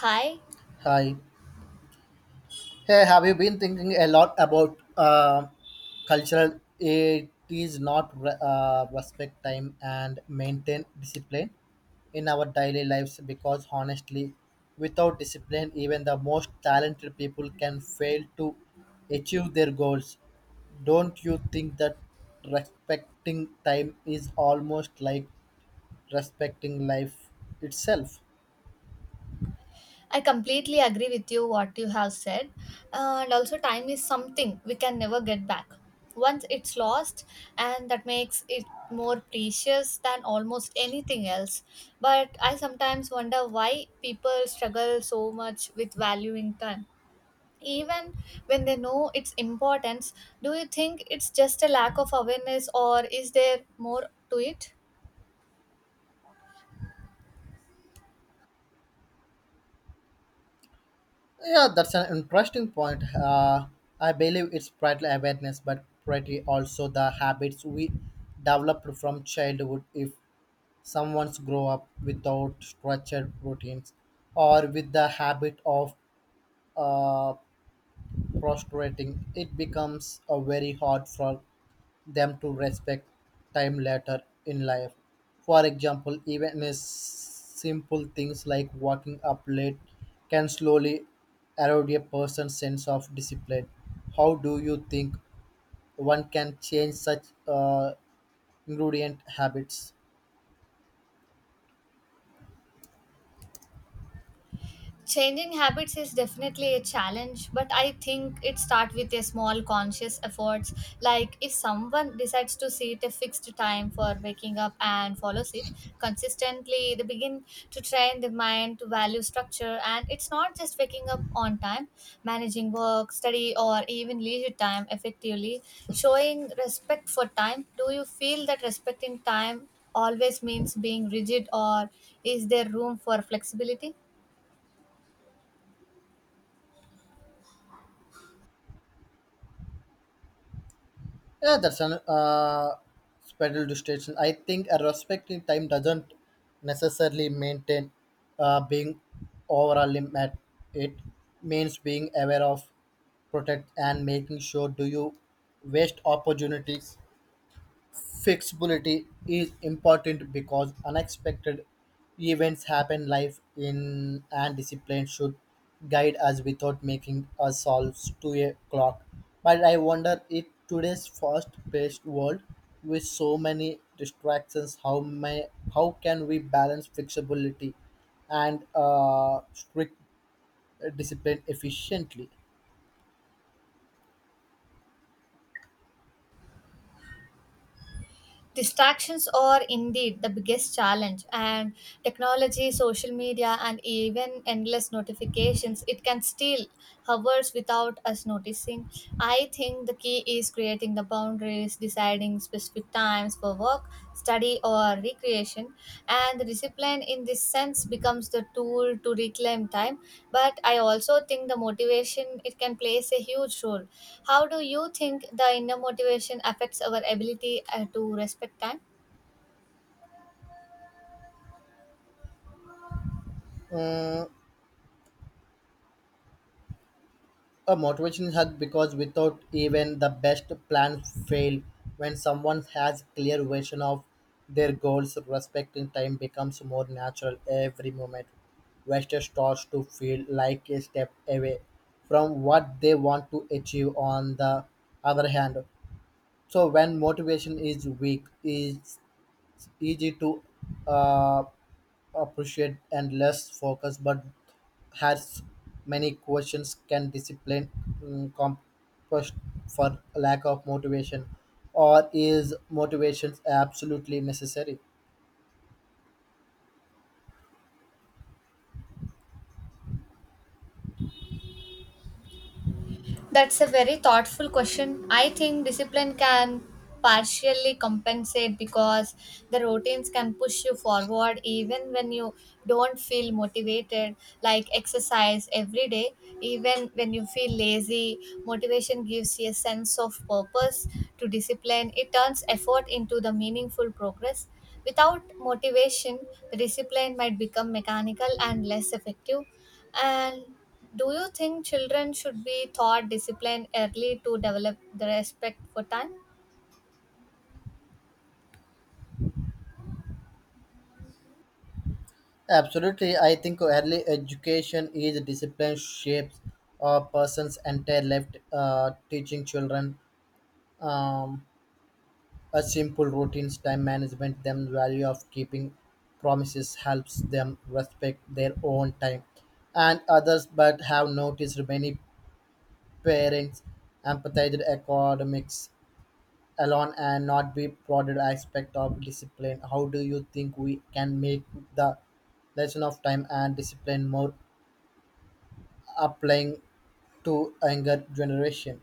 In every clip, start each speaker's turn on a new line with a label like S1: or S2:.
S1: Hi,
S2: Hi. Hey, have you been thinking a lot about cultural? It is not respect time and maintain discipline in our daily lives because honestly, without discipline, even the most talented people can fail to achieve their goals. Don't you think that respecting time is almost like respecting life itself?
S1: I completely agree with you what you have said. And also, time is something we can never get back. Once it's lost, and that makes it more precious than almost anything else. But I sometimes wonder why people struggle so much with valuing time. Even when they know its importance, do you think it's just a lack of awareness, or is there more to it?
S2: Yeah, that's an interesting point. I believe it's partly awareness, but partly also the habits we developed from childhood. If someone's grow up without structured routines or with the habit of uh, frustrating. It becomes a very hard for them to respect time later in life. For example, even as simple things like waking up late can slowly erode a person's sense of discipline. How do you think one can change such ingredient habits?
S1: Changing habits is definitely a challenge, but I think it starts with a small conscious efforts. Like if someone decides to sit a fixed time for waking up and follows it consistently, they begin to train the mind to value structure. And it's not just waking up on time, managing work, study, or even leisure time effectively, showing respect for time. Do you feel that respecting time always means being rigid, or is there room for flexibility?
S2: Yeah, that's an pedal to station. I think a respecting time doesn't necessarily maintain being overall limit. At It means being aware of protect and making sure do you waste opportunities. Flexibility is important because unexpected events happen life in and discipline should guide us without making us solve to a clock. But I wonder if today's fast paced world with so many distractions how can we balance flexibility and strict discipline efficiently?
S1: Distractions are indeed the biggest challenge, and technology, social media, and even endless notifications, it can steal hours without us noticing. I think the key is creating the boundaries, deciding specific times for work, study, or recreation. And the discipline, in this sense, becomes the tool to reclaim time. But I also think the motivation it can plays a huge role. How do you think the inner motivation affects our ability to respect time?
S2: Uh, A motivation helps because without even the best plans fail when someone has clear vision of their goals, respecting time becomes more natural every moment. Wester starts to feel like a step away from what they want to achieve on the other hand. So when motivation is weak, is it's easy to uh, appreciate and less focus, but has many questions can discipline compost for lack of motivation, or is motivation absolutely necessary?
S1: That's a very thoughtful question. I think discipline can partially compensate because the routines can push you forward even when you don't feel motivated, like exercise every day. Even when you feel lazy, motivation gives you a sense of purpose to discipline. It turns effort into the meaningful progress. Without motivation, the discipline might become mechanical and less effective. And do you think children should be taught discipline early to develop the respect for time?
S2: Absolutely, I think early education is discipline shapes a person's entire life. Teaching children um, A simple routines, time management, them value of keeping promises helps them respect their own time and others. But have noticed many parents empathize academics alone and not be broader aspect of discipline. How do you think we can make the lesson of time and discipline more applying to younger generation?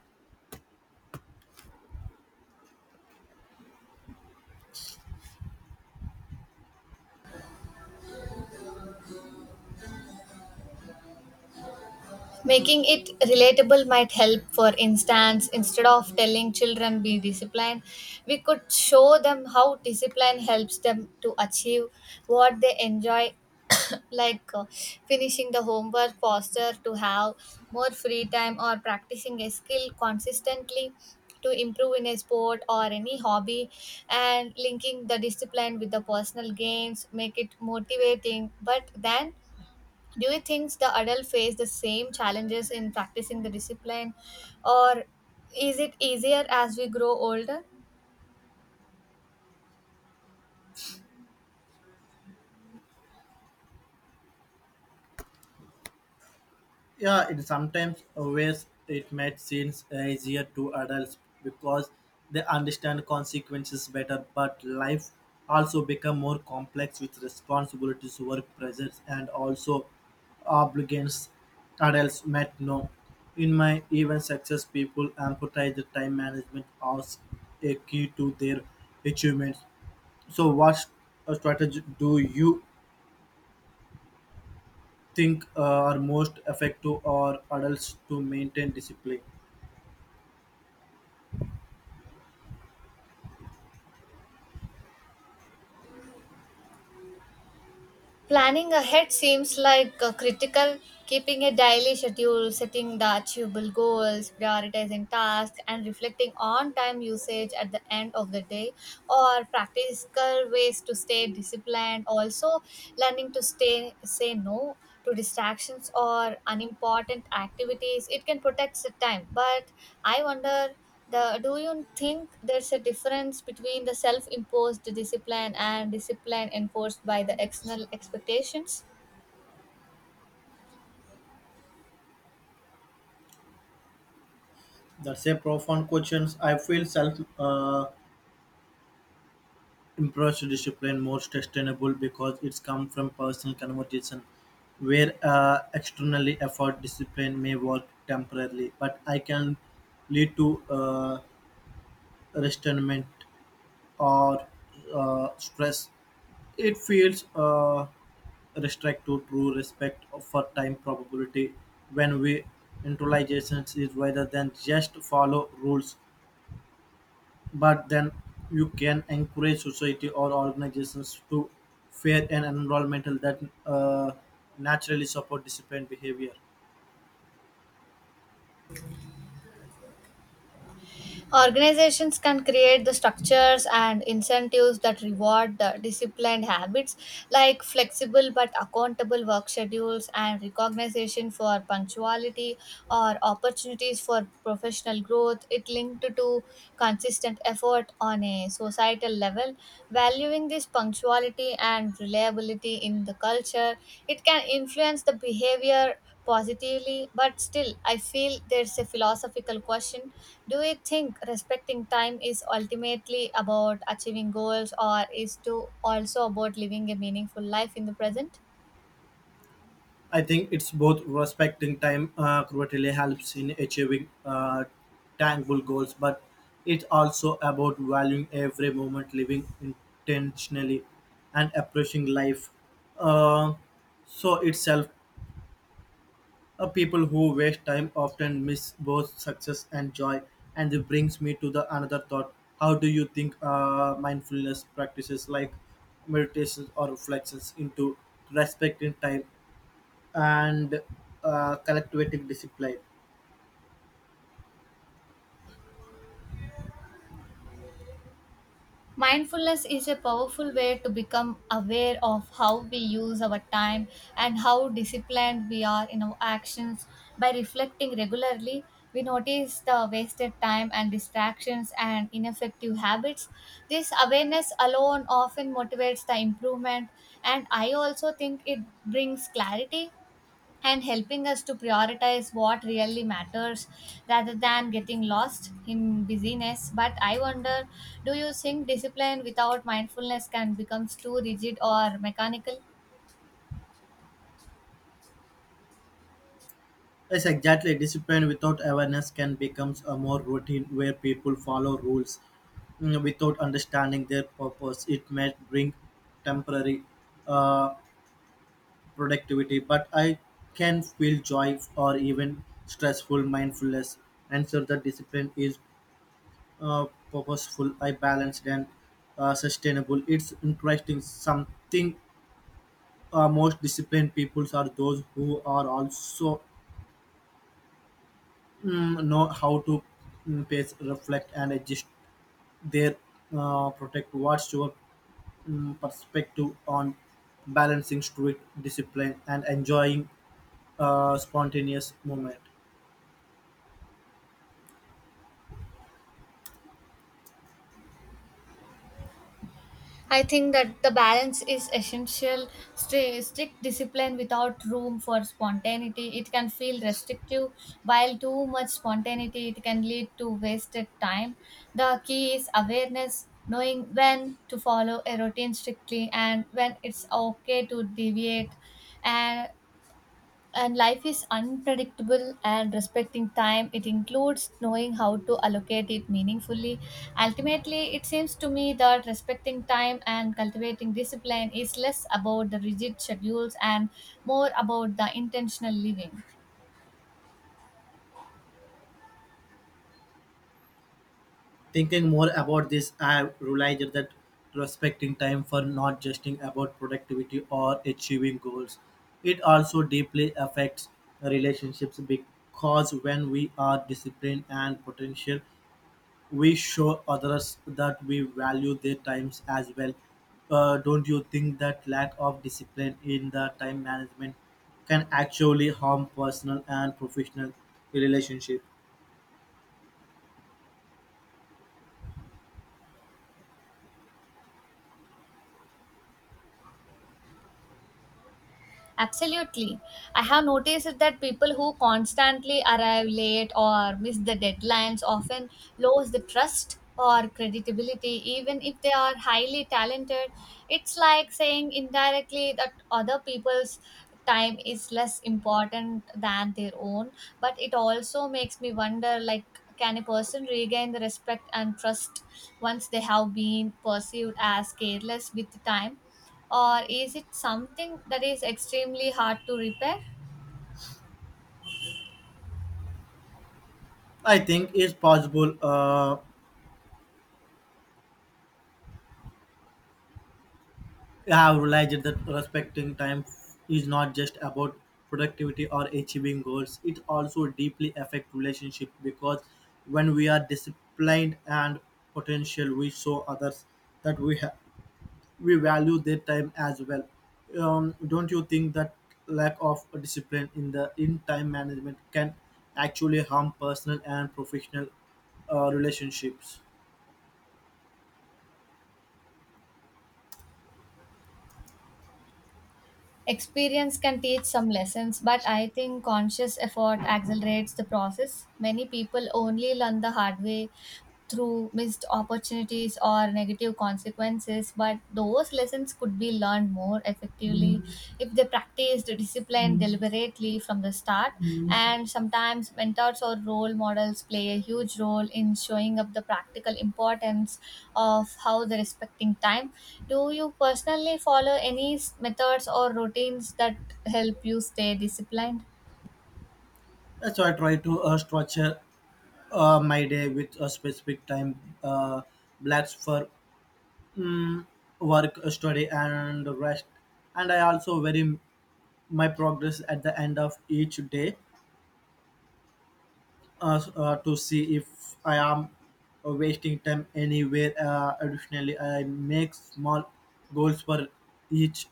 S1: Making it relatable might help. For instance, instead of telling children be disciplined, we could show them how discipline helps them to achieve what they enjoy, like finishing the homework faster, to have more free time, or practicing a skill consistently to improve in a sport or any hobby, and linking the discipline with the personal gains make it motivating. But then, do you think the adult face the same challenges in practicing the discipline, or is it easier as we grow older?
S2: Yeah, it sometimes always it might seem easier to adults because they understand consequences better, but life also become more complex with responsibilities, work pressures, and also obligations adults might know. In my even success, people emphasize the time management as a key to their achievements. So, strategy do you think are most effective or adults to maintain discipline?
S1: Planning ahead seems like critical. Keeping a daily schedule, setting the achievable goals, prioritizing tasks, and reflecting on time usage at the end of the day or practical ways to stay disciplined. Also, learning to stay say no to distractions or unimportant activities. It can protect the time, but I wonder, the do you think there's a difference between the self-imposed discipline and discipline enforced by the external expectations?
S2: That's a profound question. I feel self imposed discipline more sustainable because it's come from personal conversation, where externally effort discipline may work temporarily, but I can lead to restrainment or stress. It feels restrict to true respect for time probability when we intelligence is rather than just follow rules. But then you can encourage society or organizations to fair and environmental that uh, naturally support disciplined behavior.
S1: Organizations can create the structures and incentives that reward the disciplined habits, like flexible but accountable work schedules and recognition for punctuality or opportunities for professional growth. It linked to consistent effort on a societal level, valuing this punctuality and reliability in the culture. It can influence the behavior positively, but still, I feel there's a philosophical question. Do you think respecting time is ultimately about achieving goals, or is to also about living a meaningful life in the present?
S2: I think it's both respecting time cruelty helps in achieving tangible goals, but it's also about valuing every moment, living intentionally, and approaching life. Uh, so itself people who waste time often miss both success and joy, and it brings me to the another thought. How do you think mindfulness practices like meditations or reflections into respecting time and collective discipline?
S1: Mindfulness is a powerful way to become aware of how we use our time and how disciplined we are in our actions. By reflecting regularly, we notice the wasted time and distractions and ineffective habits. This awareness alone often motivates the improvement, and I also think it brings clarity and helping us to prioritize what really matters rather than getting lost in busyness. But I wonder, do you think discipline without mindfulness can become too rigid or mechanical?
S2: Yes, exactly. Discipline without awareness can become a more routine where people follow rules without understanding their purpose. It may bring temporary uh, productivity, but I can feel joy or even stressful mindfulness. And so the discipline is uh, purposeful, I balanced and sustainable. It's interesting. Something most disciplined peoples are those who are also know how to pace, reflect, and adjust their protect. What's your perspective on balancing strict discipline and enjoying spontaneous moment?
S1: I think that the balance is essential. Strict discipline without room for spontaneity. It can feel restrictive, while too much spontaneity it can lead to wasted time. The key is awareness, knowing when to follow a routine strictly and when it's okay to deviate. And and life is unpredictable and respecting time it includes knowing how to allocate it meaningfully. Ultimately, it seems to me that respecting time and cultivating discipline is less about the rigid schedules and more about the intentional living.
S2: Thinking more about this, I realized that respecting time for not just about productivity or achieving goals. It also deeply affects relationships because when we are disciplined and potential, we show others that we value their times as well. Don't you think that lack of discipline in the time management can actually harm personal and professional relationship?
S1: Absolutely. I have noticed that people who constantly arrive late or miss the deadlines often lose the trust or credibility, even if they are highly talented. It's like saying indirectly that other people's time is less important than their own. But it also makes me wonder, like, can a person regain the respect and trust once they have been perceived as careless with time? Or is it something that is extremely hard to repair?
S2: I think it's possible. I have realized that respecting time is not just about productivity or achieving goals. It also deeply affects relationship because when we are disciplined and potential, we show others that we value their time as well. Don't you think that lack of discipline in the in time management can actually harm personal and professional relationships?
S1: Experience can teach some lessons, but I think conscious effort accelerates the process. Many people only learn the hard way through missed opportunities or negative consequences, but those lessons could be learned more effectively if they practiced discipline. Disciplined deliberately from the start. And sometimes mentors or role models play a huge role in showing up the practical importance of how they're respecting time. Do you personally follow any methods or routines that help you stay disciplined?
S2: That's why I try to structure my day with a specific time blocks for mm, work, study, and rest. And I also vary my progress at the end of each day to see if I am wasting time anywhere. Additionally, I make small goals for each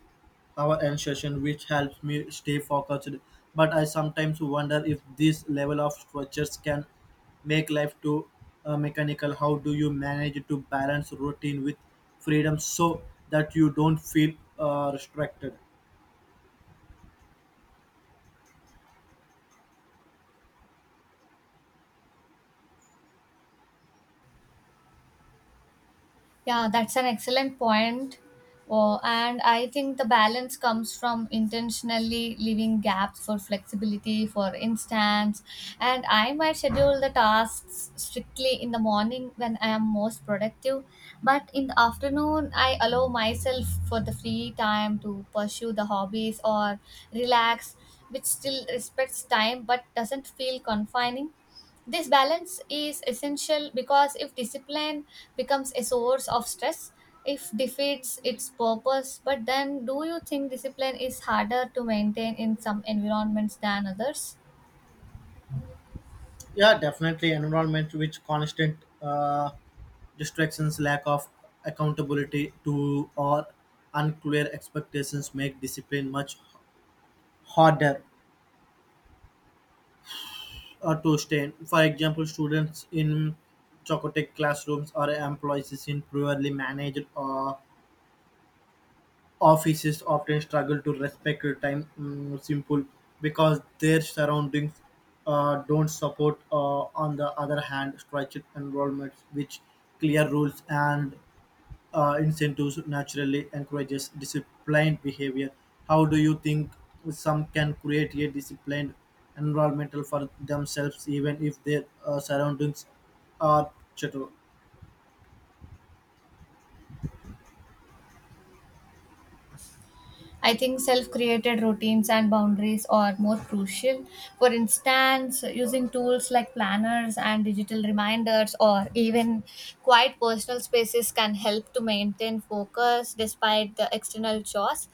S2: hour and session, which helps me stay focused. But I sometimes wonder if this level of structures can make life too mechanical. How do you manage to balance routine with freedom so that you don't feel restricted?
S1: Yeah, that's an excellent point. Oh, and I think the balance comes from intentionally leaving gaps for flexibility, for instance. And I might schedule the tasks strictly in the morning when I am most productive, but in the afternoon, I allow myself for the free time to pursue the hobbies or relax, which still respects time but doesn't feel confining. This balance is essential because if discipline becomes a source of stress, it defeats its purpose. But then, do you think discipline is harder to maintain in some environments than others?
S2: Yeah, definitely. Environment which constant distractions, lack of accountability to or unclear expectations make discipline much harder to stay. For example, students in chaotic classrooms or employees in poorly managed or offices often struggle to respect your time simple because their surroundings don't support, on the other hand, structured environments, which clear rules and incentives naturally encourages disciplined behavior. How do you think some can create a disciplined environmental for themselves even if their surroundings are chattel?
S1: I think self created routines and boundaries are more crucial. For instance, using tools like planners and digital reminders or even quiet personal spaces can help to maintain focus despite the external chores.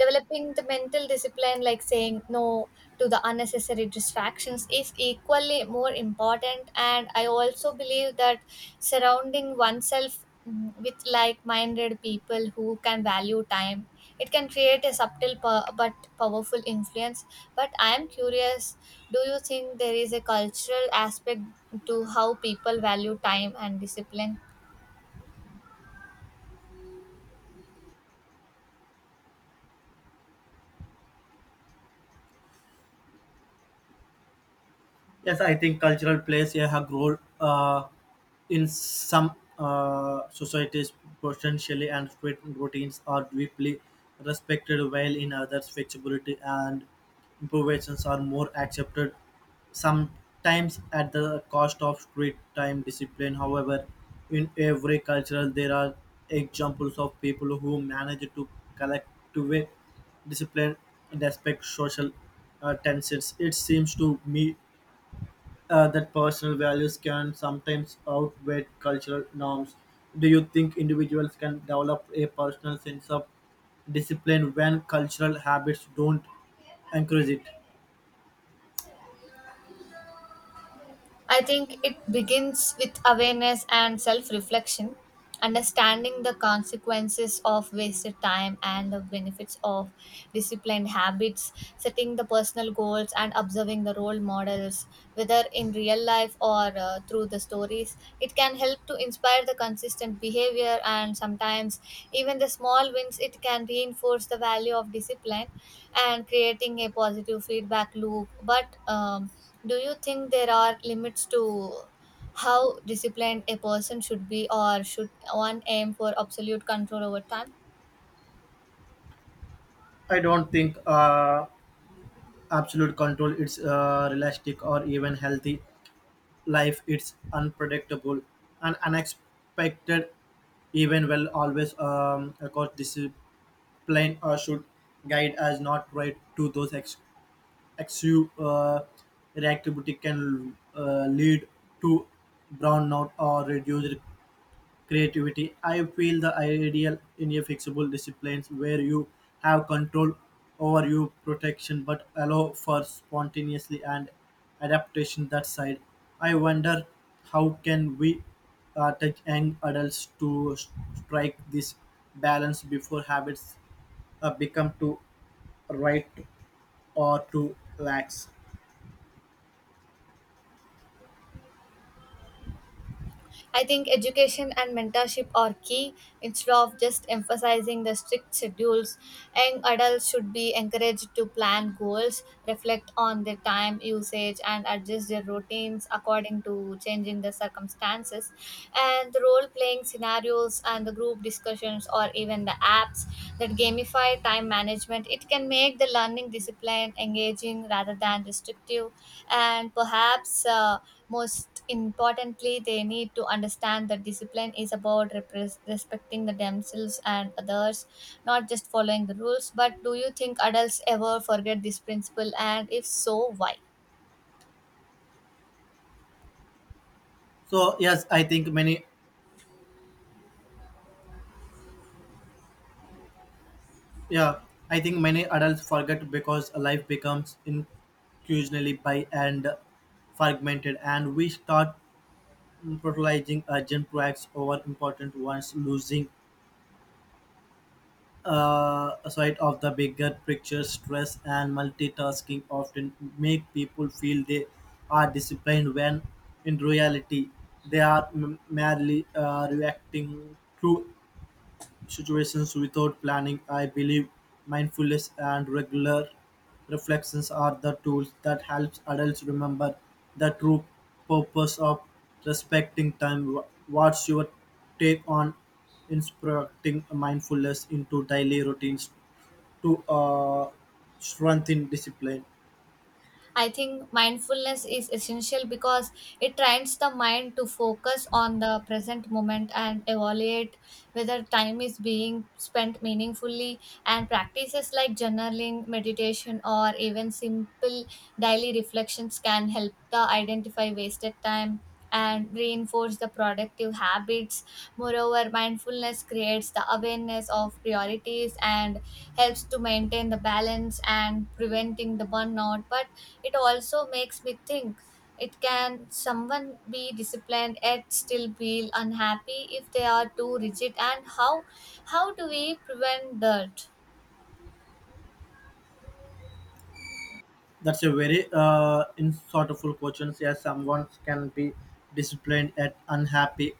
S1: Developing the mental discipline, like saying no to the unnecessary distractions, is equally more important. And I also believe that surrounding oneself with like minded people who can value time it can create a subtle but powerful influence. But I am curious, do you think there is a cultural aspect to how people value time and discipline?
S2: Yes, I think cultural plays a hug role in some societies potentially, and strict routines are deeply respected, while in others, flexibility and improvisations are more accepted, sometimes at the cost of strict time discipline. However, in every culture, there are examples of people who manage to collectively discipline and respect social tensions. It seems to me that personal values can sometimes outweigh cultural norms. Do you think individuals can develop a personal sense of discipline when cultural habits don't encourage it?
S1: I think it begins with awareness and self reflection, understanding the consequences of wasted time and the benefits of disciplined habits, setting the personal goals, and observing the role models, whether in real life or through the stories. It can help to inspire the consistent behavior, and sometimes, even the small wins, it can reinforce the value of discipline and creating a positive feedback loop. But do you think there are limits to how disciplined a person should be, or should one aim for absolute control over time?
S2: I don't think absolute control is realistic or even healthy. Life is unpredictable and unexpected, even well, always, of course, discipline should guide us not right to those excessive reactivity can lead to burnout or reduced creativity. I feel the ideal in a flexible disciplines where you have control over your protection but allow for spontaneously and adaptation that side. I wonder how can we tech young adults to strike this balance before habits become too right or too lax.
S1: I think education and mentorship are key. Instead of just emphasizing the strict schedules, young adults should be encouraged to plan goals, reflect on their time usage, and adjust their routines according to changing the circumstances. And the role playing scenarios and the group discussions, or even the apps that gamify time management, it can make the learning discipline engaging rather than restrictive. And perhaps most importantly, they need to understand that discipline is about repres respecting the themselves and others, not just following the rules. But do you think adults ever forget this principle? And if so, why?
S2: So yes, yeah, I think many adults forget because life becomes increasingly by and fragmented, and we start prioritizing urgent projects over important ones, losing sight of the bigger picture. Stress and multitasking often make people feel they are disciplined when in reality they are merely reacting to situations without planning. I believe mindfulness and regular reflections are the tools that helps adults remember the true purpose of respecting time. What's your take on instructing mindfulness into daily routines to strengthen discipline?
S1: I think mindfulness is essential because it trains the mind to focus on the present moment and evaluate whether time is being spent meaningfully. And practices like journaling, meditation, or even simple daily reflections can help the identify wasted time and reinforce the productive habits. Moreover, mindfulness creates the awareness of priorities and helps to maintain the balance and preventing the burnout. But it also makes me think, it can someone be disciplined yet still feel unhappy if they are too rigid, and how do we prevent that?
S2: That's a very insightful question. Yes, someone can be disciplined and unhappy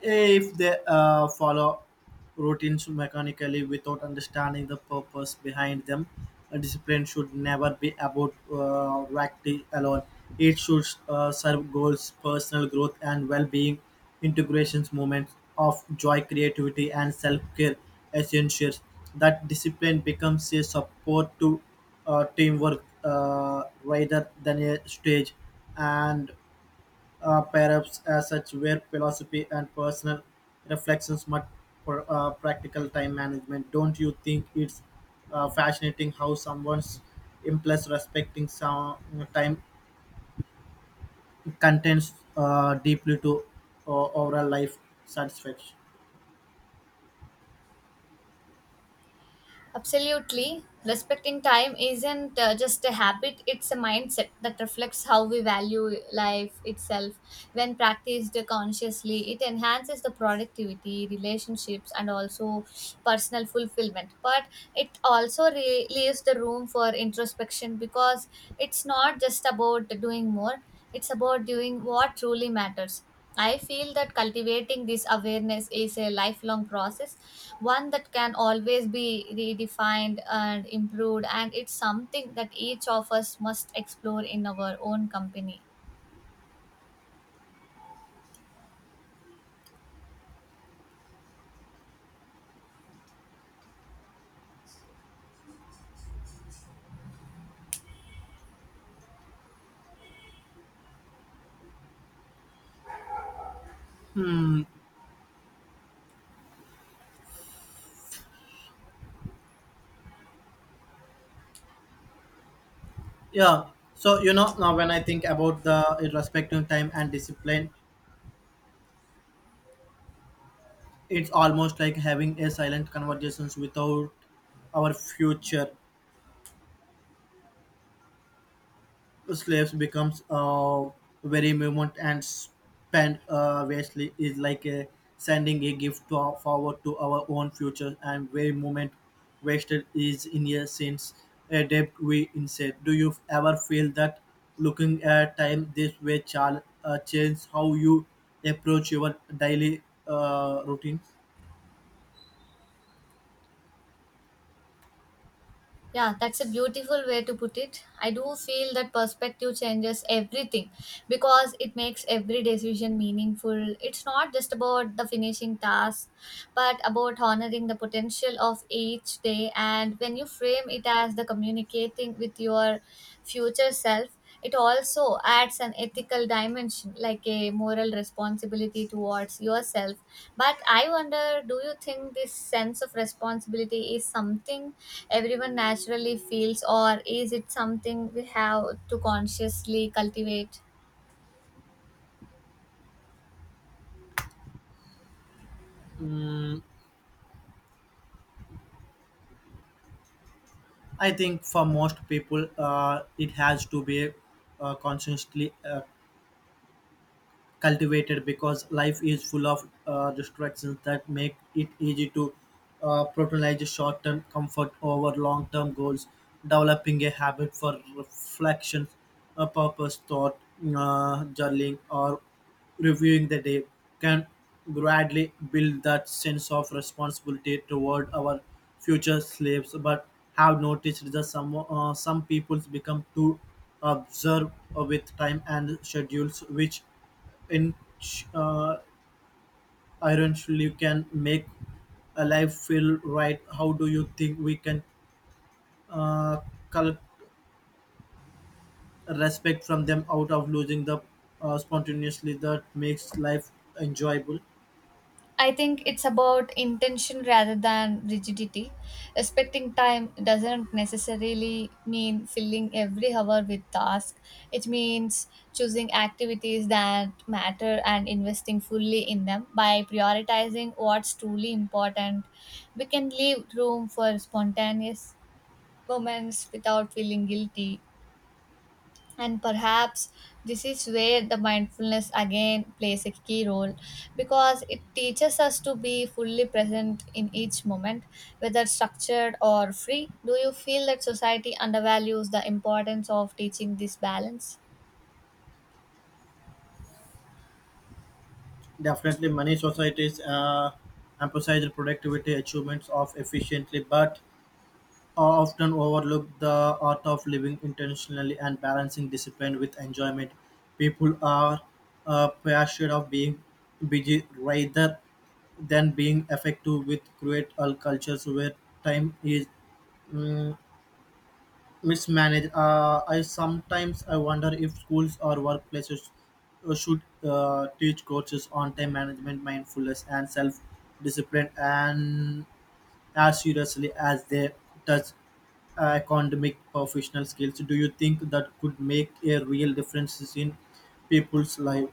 S2: if they follow routines mechanically without understanding the purpose behind them. A discipline should never be about acting alone. It should serve goals, personal growth, and well-being. Integrations, moments of joy, creativity, and self-care essentials. That discipline becomes a support to teamwork rather than a stage, and perhaps as such where philosophy and personal reflections much for practical time management. Don't you think it's fascinating how someone's implies respecting some time contents deeply to overall life satisfaction?
S1: Absolutely. Respecting time isn't just a habit, it's a mindset that reflects how we value life itself. When practiced consciously, it enhances the productivity, relationships, and also personal fulfillment. But it also leaves the room for introspection because it's not just about doing more, it's about doing what truly matters. I feel that cultivating this awareness is a lifelong process, one that can always be redefined and improved, and it's something that each of us must explore in our own company.
S2: Yeah. So you know now when I think about the respecting time and discipline, it's almost like having a silent conversations without our future slaves becomes very moment and spend vastly is like a sending a gift to our, forward to our own future and very moment wasted is in a sense a debt we instead do you ever feel that looking at time this way shall change how you approach your daily routine?
S1: Yeah, that's a beautiful way to put it. I do feel that perspective changes everything because it makes every decision meaningful. It's not just about the finishing task, but about honoring the potential of each day. And when you frame it as the communicating with your future self, it also adds an ethical dimension, like a moral responsibility towards yourself. But I wonder, do you think this sense of responsibility is something everyone naturally feels, or is it something we have to consciously cultivate?
S2: I think for most people it has to be consciously cultivated because life is full of distractions that make it easy to prioritize short-term comfort over long-term goals. Developing a habit for reflection, a purpose thought, journaling, or reviewing the day can gradually build that sense of responsibility toward our future slaves. But have noticed that some peoples become too observed with time and schedules, which inch iron surely can make a life feel right. How do you think we can uh, collect respect from them out of losing the spontaneously that makes life enjoyable?
S1: I think it's about intention rather than rigidity. Respecting time doesn't necessarily mean filling every hour with tasks. It means choosing activities that matter and investing fully in them. By prioritizing what's truly important, we can leave room for spontaneous moments without feeling guilty, and perhaps this is where the mindfulness again plays a key role, because it teaches us to be fully present in each moment, whether structured or free. Do you feel that society undervalues the importance of teaching this balance?
S2: Definitely, many societies emphasize productivity achievements of efficiently, but often overlook the art of living intentionally and balancing discipline with enjoyment. People are persuaded of being busy rather than being effective with create all cultures where time is mm, mismanaged. I sometimes I wonder if schools or workplaces should teach courses on time management, mindfulness, and self discipline, and as seriously as they touch academic professional skills. Do you think that could make a real difference in people's life?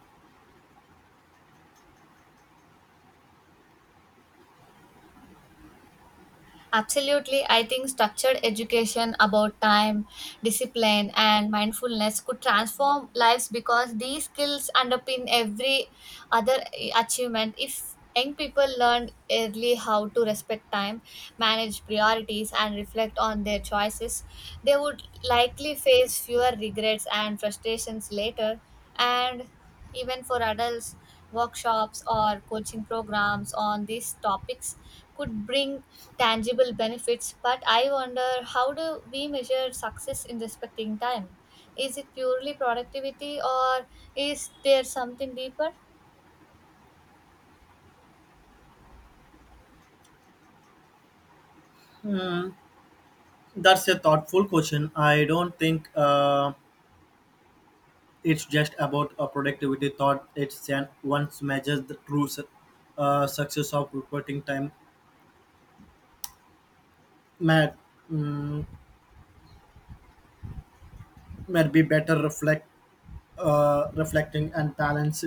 S1: Absolutely. I think structured education about time, discipline, and mindfulness could transform lives, because these skills underpin every other achievement. If young people learn early how to respect time, manage priorities, and reflect on their choices, they would likely face fewer regrets and frustrations later. And even for adults, workshops or coaching programs on these topics could bring tangible benefits. But I wonder, how do we measure success in respecting time? Is it purely productivity, or is there something deeper?
S2: Hmm, that's a thoughtful question. I don't think it's just about a productivity thought. It's an once measures the true success of reporting time may, mm, may be better reflect reflecting and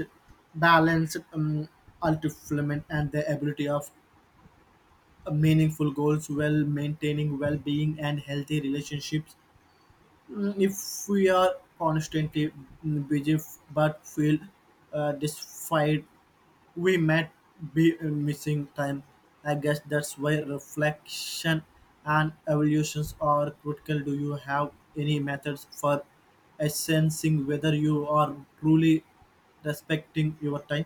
S2: balanced ultimate and the ability of meaningful goals while maintaining well-being and healthy relationships. Mm, if we are constantly busy but feel dissatisfied, we might be missing time. I guess that's why reflection and evaluations are critical. Do you have any methods for assessing whether you are truly respecting your time?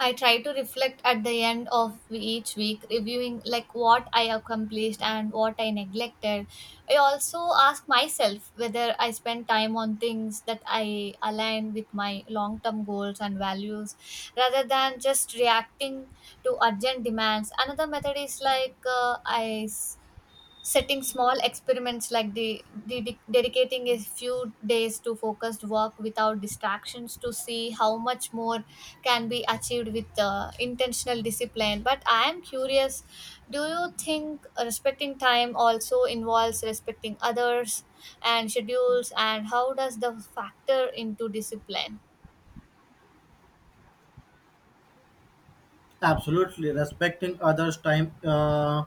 S1: I try to reflect at the end of each week, reviewing like what I accomplished and what I neglected. I also ask myself whether I spend time on things that I align with my long term goals and values rather than just reacting to urgent demands. Another method is like I setting small experiments, like dedicating a few days to focused work without distractions to see how much more can be achieved with intentional discipline. But I am curious, do you think respecting time also involves respecting others and schedules, and how does the factor into discipline?
S2: Absolutely, respecting others time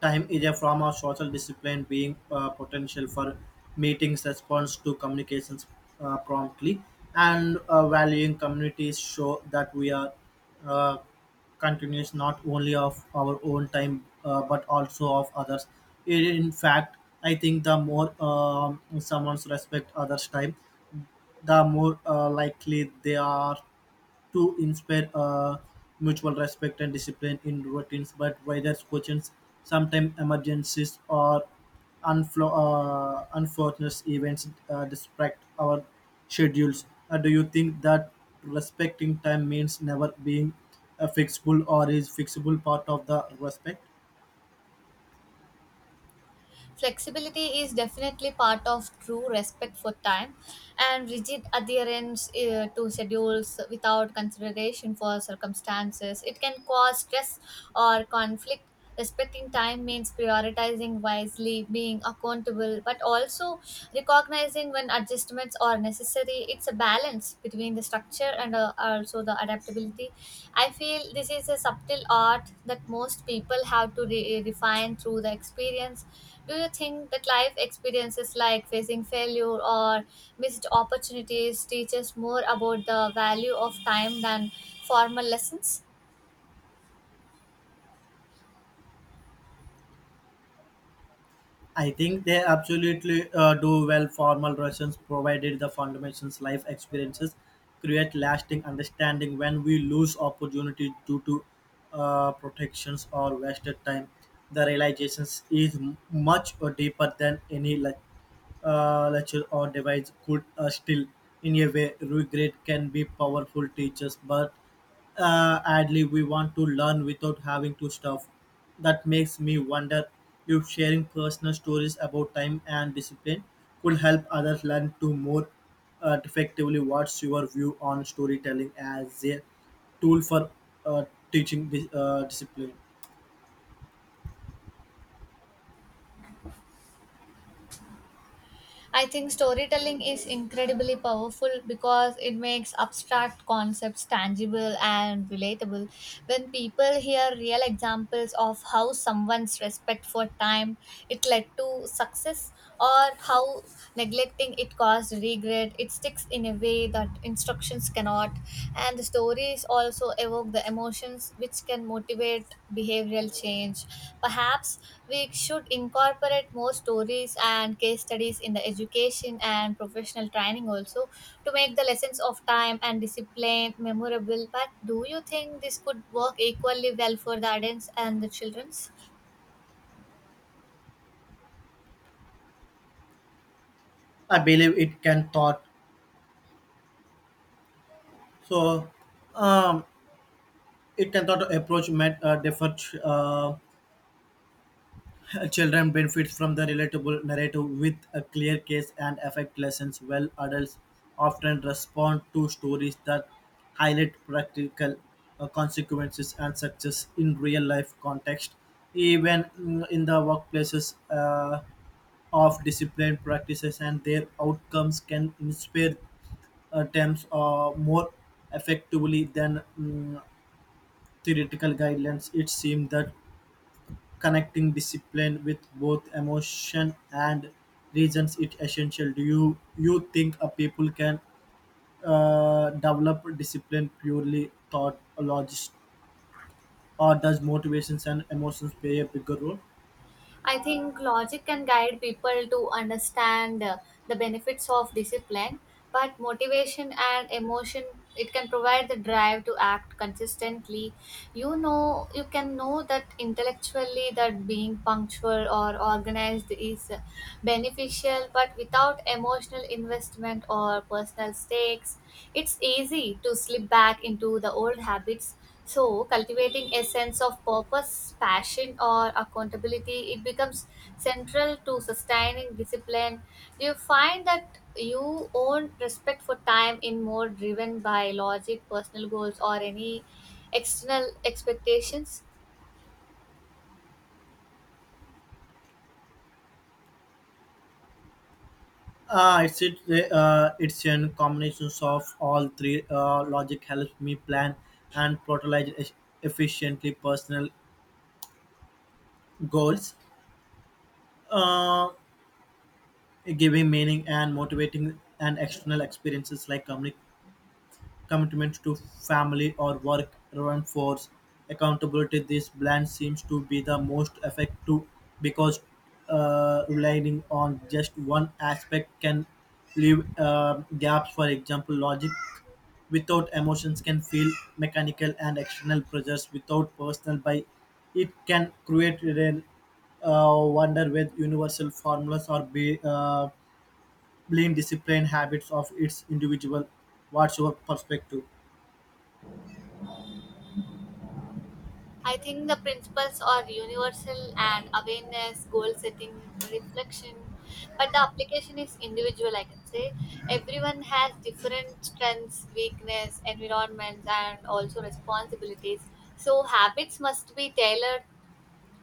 S2: time is a form of social discipline, being potential for meetings, response to communications promptly, and valuing communities show that we are uh, continuous not only of our own time but also of others. In fact, I think the more someone's respect others' time, the more likely they are to inspire mutual respect and discipline in routines, but whether questions, sometimes emergencies or unfortunate events distract our schedules. Do you think that respecting time means never being a fixable, or is fixable part of the respect?
S1: Flexibility is definitely part of true respect for time, and rigid adherence to schedules without consideration for circumstances, it can cause stress or conflict. Respecting time means prioritizing wisely, being accountable, but also recognizing when adjustments are necessary. Necessary, it's a balance between the structure and also the adaptability. I feel this is a subtle art that most people have to refine through the experience. Do you think that life experiences like facing failure or missed opportunities teach us more about the value of time than formal lessons?
S2: I think they absolutely do well. Formal relations, provided the foundation's life experiences, create lasting understanding. When we lose opportunity due to protections or wasted time, the realizations is much or deeper than any lecture or device could still. In a way, regret can be powerful teachers, but ad lib we want to learn without having to stuff. That makes me wonder if sharing personal stories about time and discipline could help others learn to more effectively. What's your view on storytelling as a tool for uh, teaching discipline?
S1: I think storytelling is incredibly powerful because it makes abstract concepts tangible and relatable. When people hear real examples of how someone's respect for time, it led to success, or how neglecting it caused regret, it sticks in a way that instructions cannot. And the stories also evoke the emotions which can motivate behavioral change. Perhaps we should incorporate more stories and case studies in the education and professional training also, to make the lessons of time and discipline memorable. But do you think this could work equally well for the adults and the children's?
S2: I believe it can thought so. Um, it can thought approach met different children benefit from the relatable narrative with a clear case and effect lessons, while adults often respond to stories that highlight practical consequences and success in real life context. Even in the workplaces of discipline practices and their outcomes can inspire attempts more effectively than theoretical guidelines. It seems that connecting discipline with both emotion and reasons it essential. Do you think a people can develop discipline purely thought or logist, or does motivations and emotions play a bigger role?
S1: I think logic can guide people to understand the benefits of discipline, but motivation and emotion, it can provide the drive to act consistently. You know, you can know that intellectually, that being punctual or organized is beneficial, but without emotional investment or personal stakes, it's easy to slip back into the old habits. So, cultivating a sense of purpose, passion, or accountability, it becomes central to sustaining discipline. Do you find that you own respect for time in more driven by logic, personal goals, or any external expectations?
S2: It's an combination of all three. Logic helps me plan and prioritize efficiently, personal goals uh, giving meaning and motivating, and external experiences like communication commitment to family or work reinforce accountability. This blend seems to be the most effective because relying on just one aspect can leave gaps. For example, logic without emotions can feel mechanical, and external pressures without personal by it can create a wonder with universal formulas or be blame discipline habits of its individual. What's your perspective?
S1: I think the principles are universal, and awareness, goal setting, reflection, but the application is individual, I can say. Everyone has different strengths, weakness, environments, and also responsibilities. So habits must be tailored.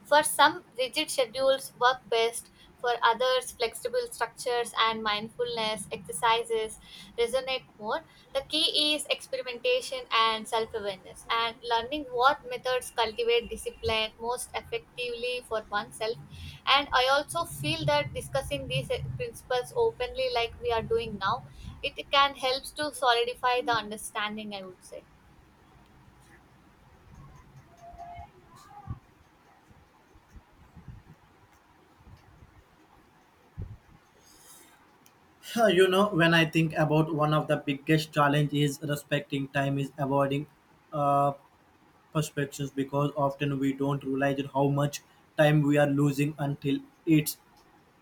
S1: For some, rigid schedules work best. For others, flexible structures and mindfulness exercises resonate more. The key is experimentation and self awareness, and learning what methods cultivate discipline most effectively for oneself. And I also feel that discussing these principles openly, like we are doing now, it can help to solidify the understanding, I would say.
S2: You know, when I think about one of the biggest challenge is respecting time is avoiding uh, perspectives, because often we don't realize how much time we are losing until it's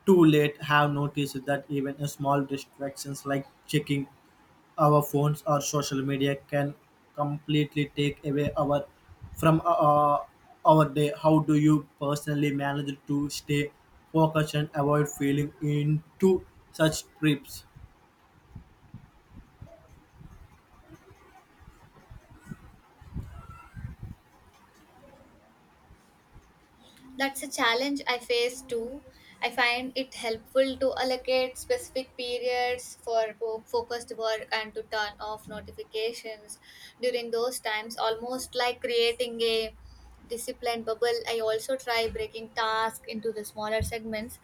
S2: too late. Have noticed that even a small distractions like checking our phones or social media can completely take away our from our day. How do you personally manage to stay focused and avoid feeling into such trips?
S1: That's a challenge I face too. I find it helpful to allocate specific periods for focused work and to turn off notifications during those times, almost like creating a disciplined bubble. I also try breaking tasks into the smaller segments,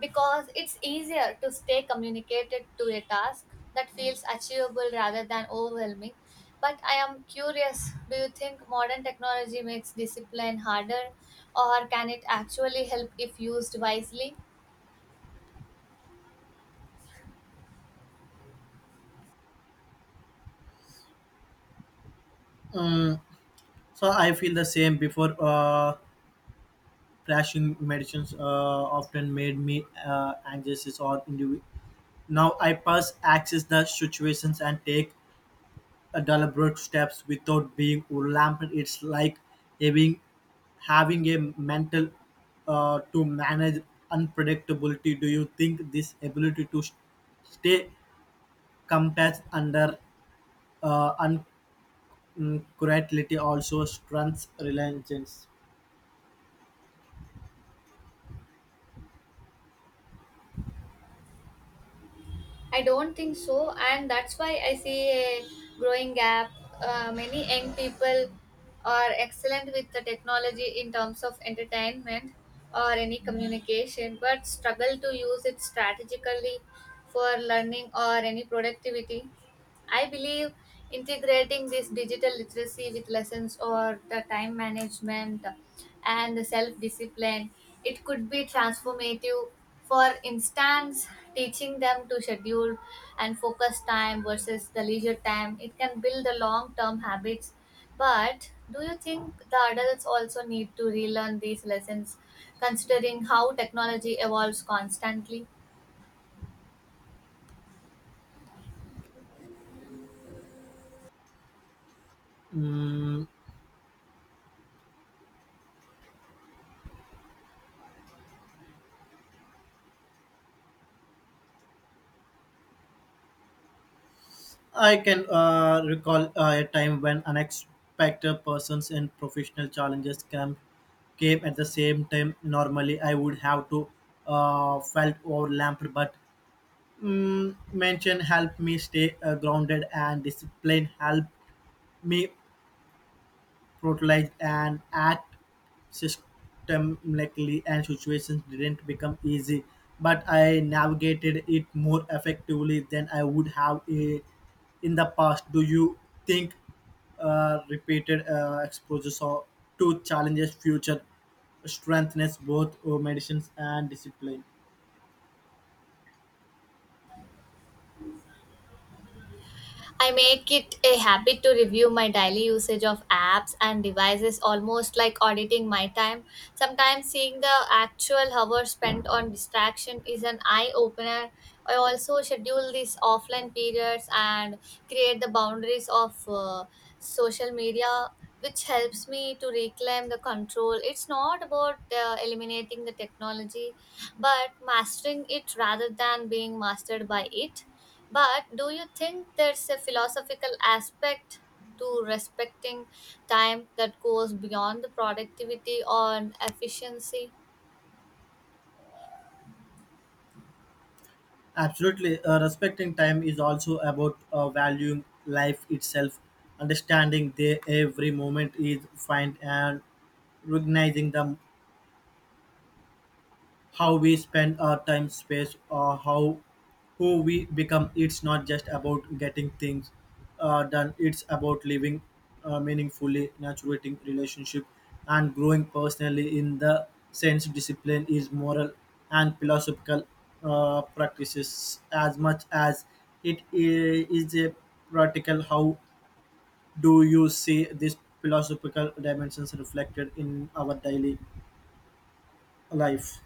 S1: because it's easier to stay communicated to a task that feels achievable rather than overwhelming. But I am curious, do you think modern technology makes discipline harder, or can it actually help if used wisely?
S2: Mm, so I feel the same before crashing medicines often made me anxious or individual. Now I pass access the situations and take deliberate steps without being overwhelmed. It's like having having a mental to manage unpredictability. Do you think this ability to stay compassed under uh, uncertainty also strengthens reliance?
S1: I don't think so, and that's why I see a growing gap. Many young people are excellent with the technology in terms of entertainment or any communication, but struggle to use it strategically for learning or any productivity. I believe integrating this digital literacy with lessons or the time management and the self discipline, it could be transformative. For instance, teaching them to schedule and focus time versus the leisure time, it can build the long term habits. But do you think the adults also need to relearn these lessons, considering how technology evolves constantly?
S2: Mm, I can recall a time when unexpected persons and professional challenges came at the same time. Normally, I would have to felt overwhelmed, but mention helped me stay grounded, and discipline helped me prioritize and act systemically, and situations didn't become easy, but I navigated it more effectively than I would have in the past. Do you think repeated exposures or to challenges future strengthens both medicines and discipline?
S1: I make it a habit to review my daily usage of apps and devices, almost like auditing my time. Sometimes seeing the actual hours spent on distraction is an eye opener. I also schedule these offline periods and create the boundaries of social media, which helps me to reclaim the control. It's not about eliminating the technology, but mastering it rather than being mastered by it. But do you think there's a philosophical aspect to respecting time that goes beyond the productivity or efficiency?
S2: Absolutely, respecting time is also about valuing life itself, understanding the every moment is fine, and recognizing the how we spend our time, space, or how who we become. It's not just about getting things done. It's about living meaningfully, nurturing relationship, and growing personally. In the sense, discipline is moral and philosophical practices as much as is a practical. How do you see these philosophical dimensions reflected in our daily life?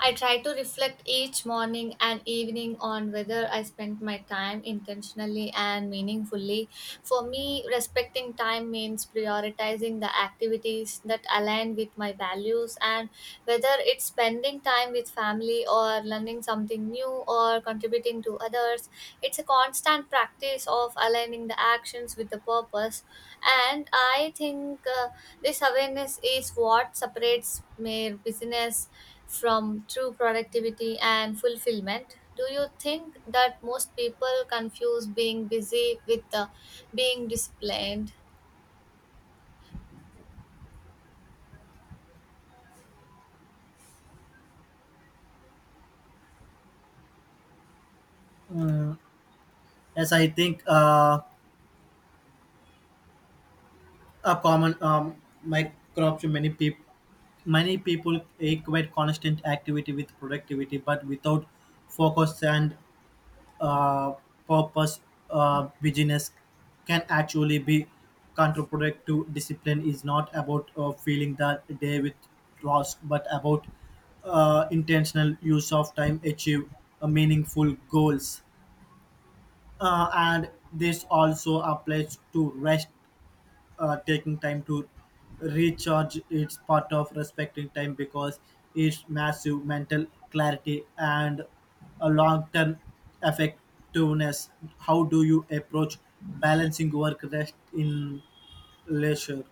S1: I try to reflect each morning and evening on whether I spent my time intentionally and meaningfully. For me, respecting time means prioritizing the activities that align with my values, and whether it's spending time with family or learning something new or contributing to others. It's a constant practice of aligning the actions with the purpose. And I think this awareness is what separates mere business from true productivity and fulfillment. Do you think that most people confuse being busy with being disciplined?
S2: Mm, as I think a common microbe to many people. Many people equate constant activity with productivity, but without focus and uh, purpose, busyness can actually be counterproductive. Discipline is not about filling the day with tasks, but about intentional use of time achieve meaningful goals. And this also applies to rest, taking time to recharge. It's part of respecting time because it's massive mental clarity and a long-term effectiveness. How do you approach balancing work rest in leisure?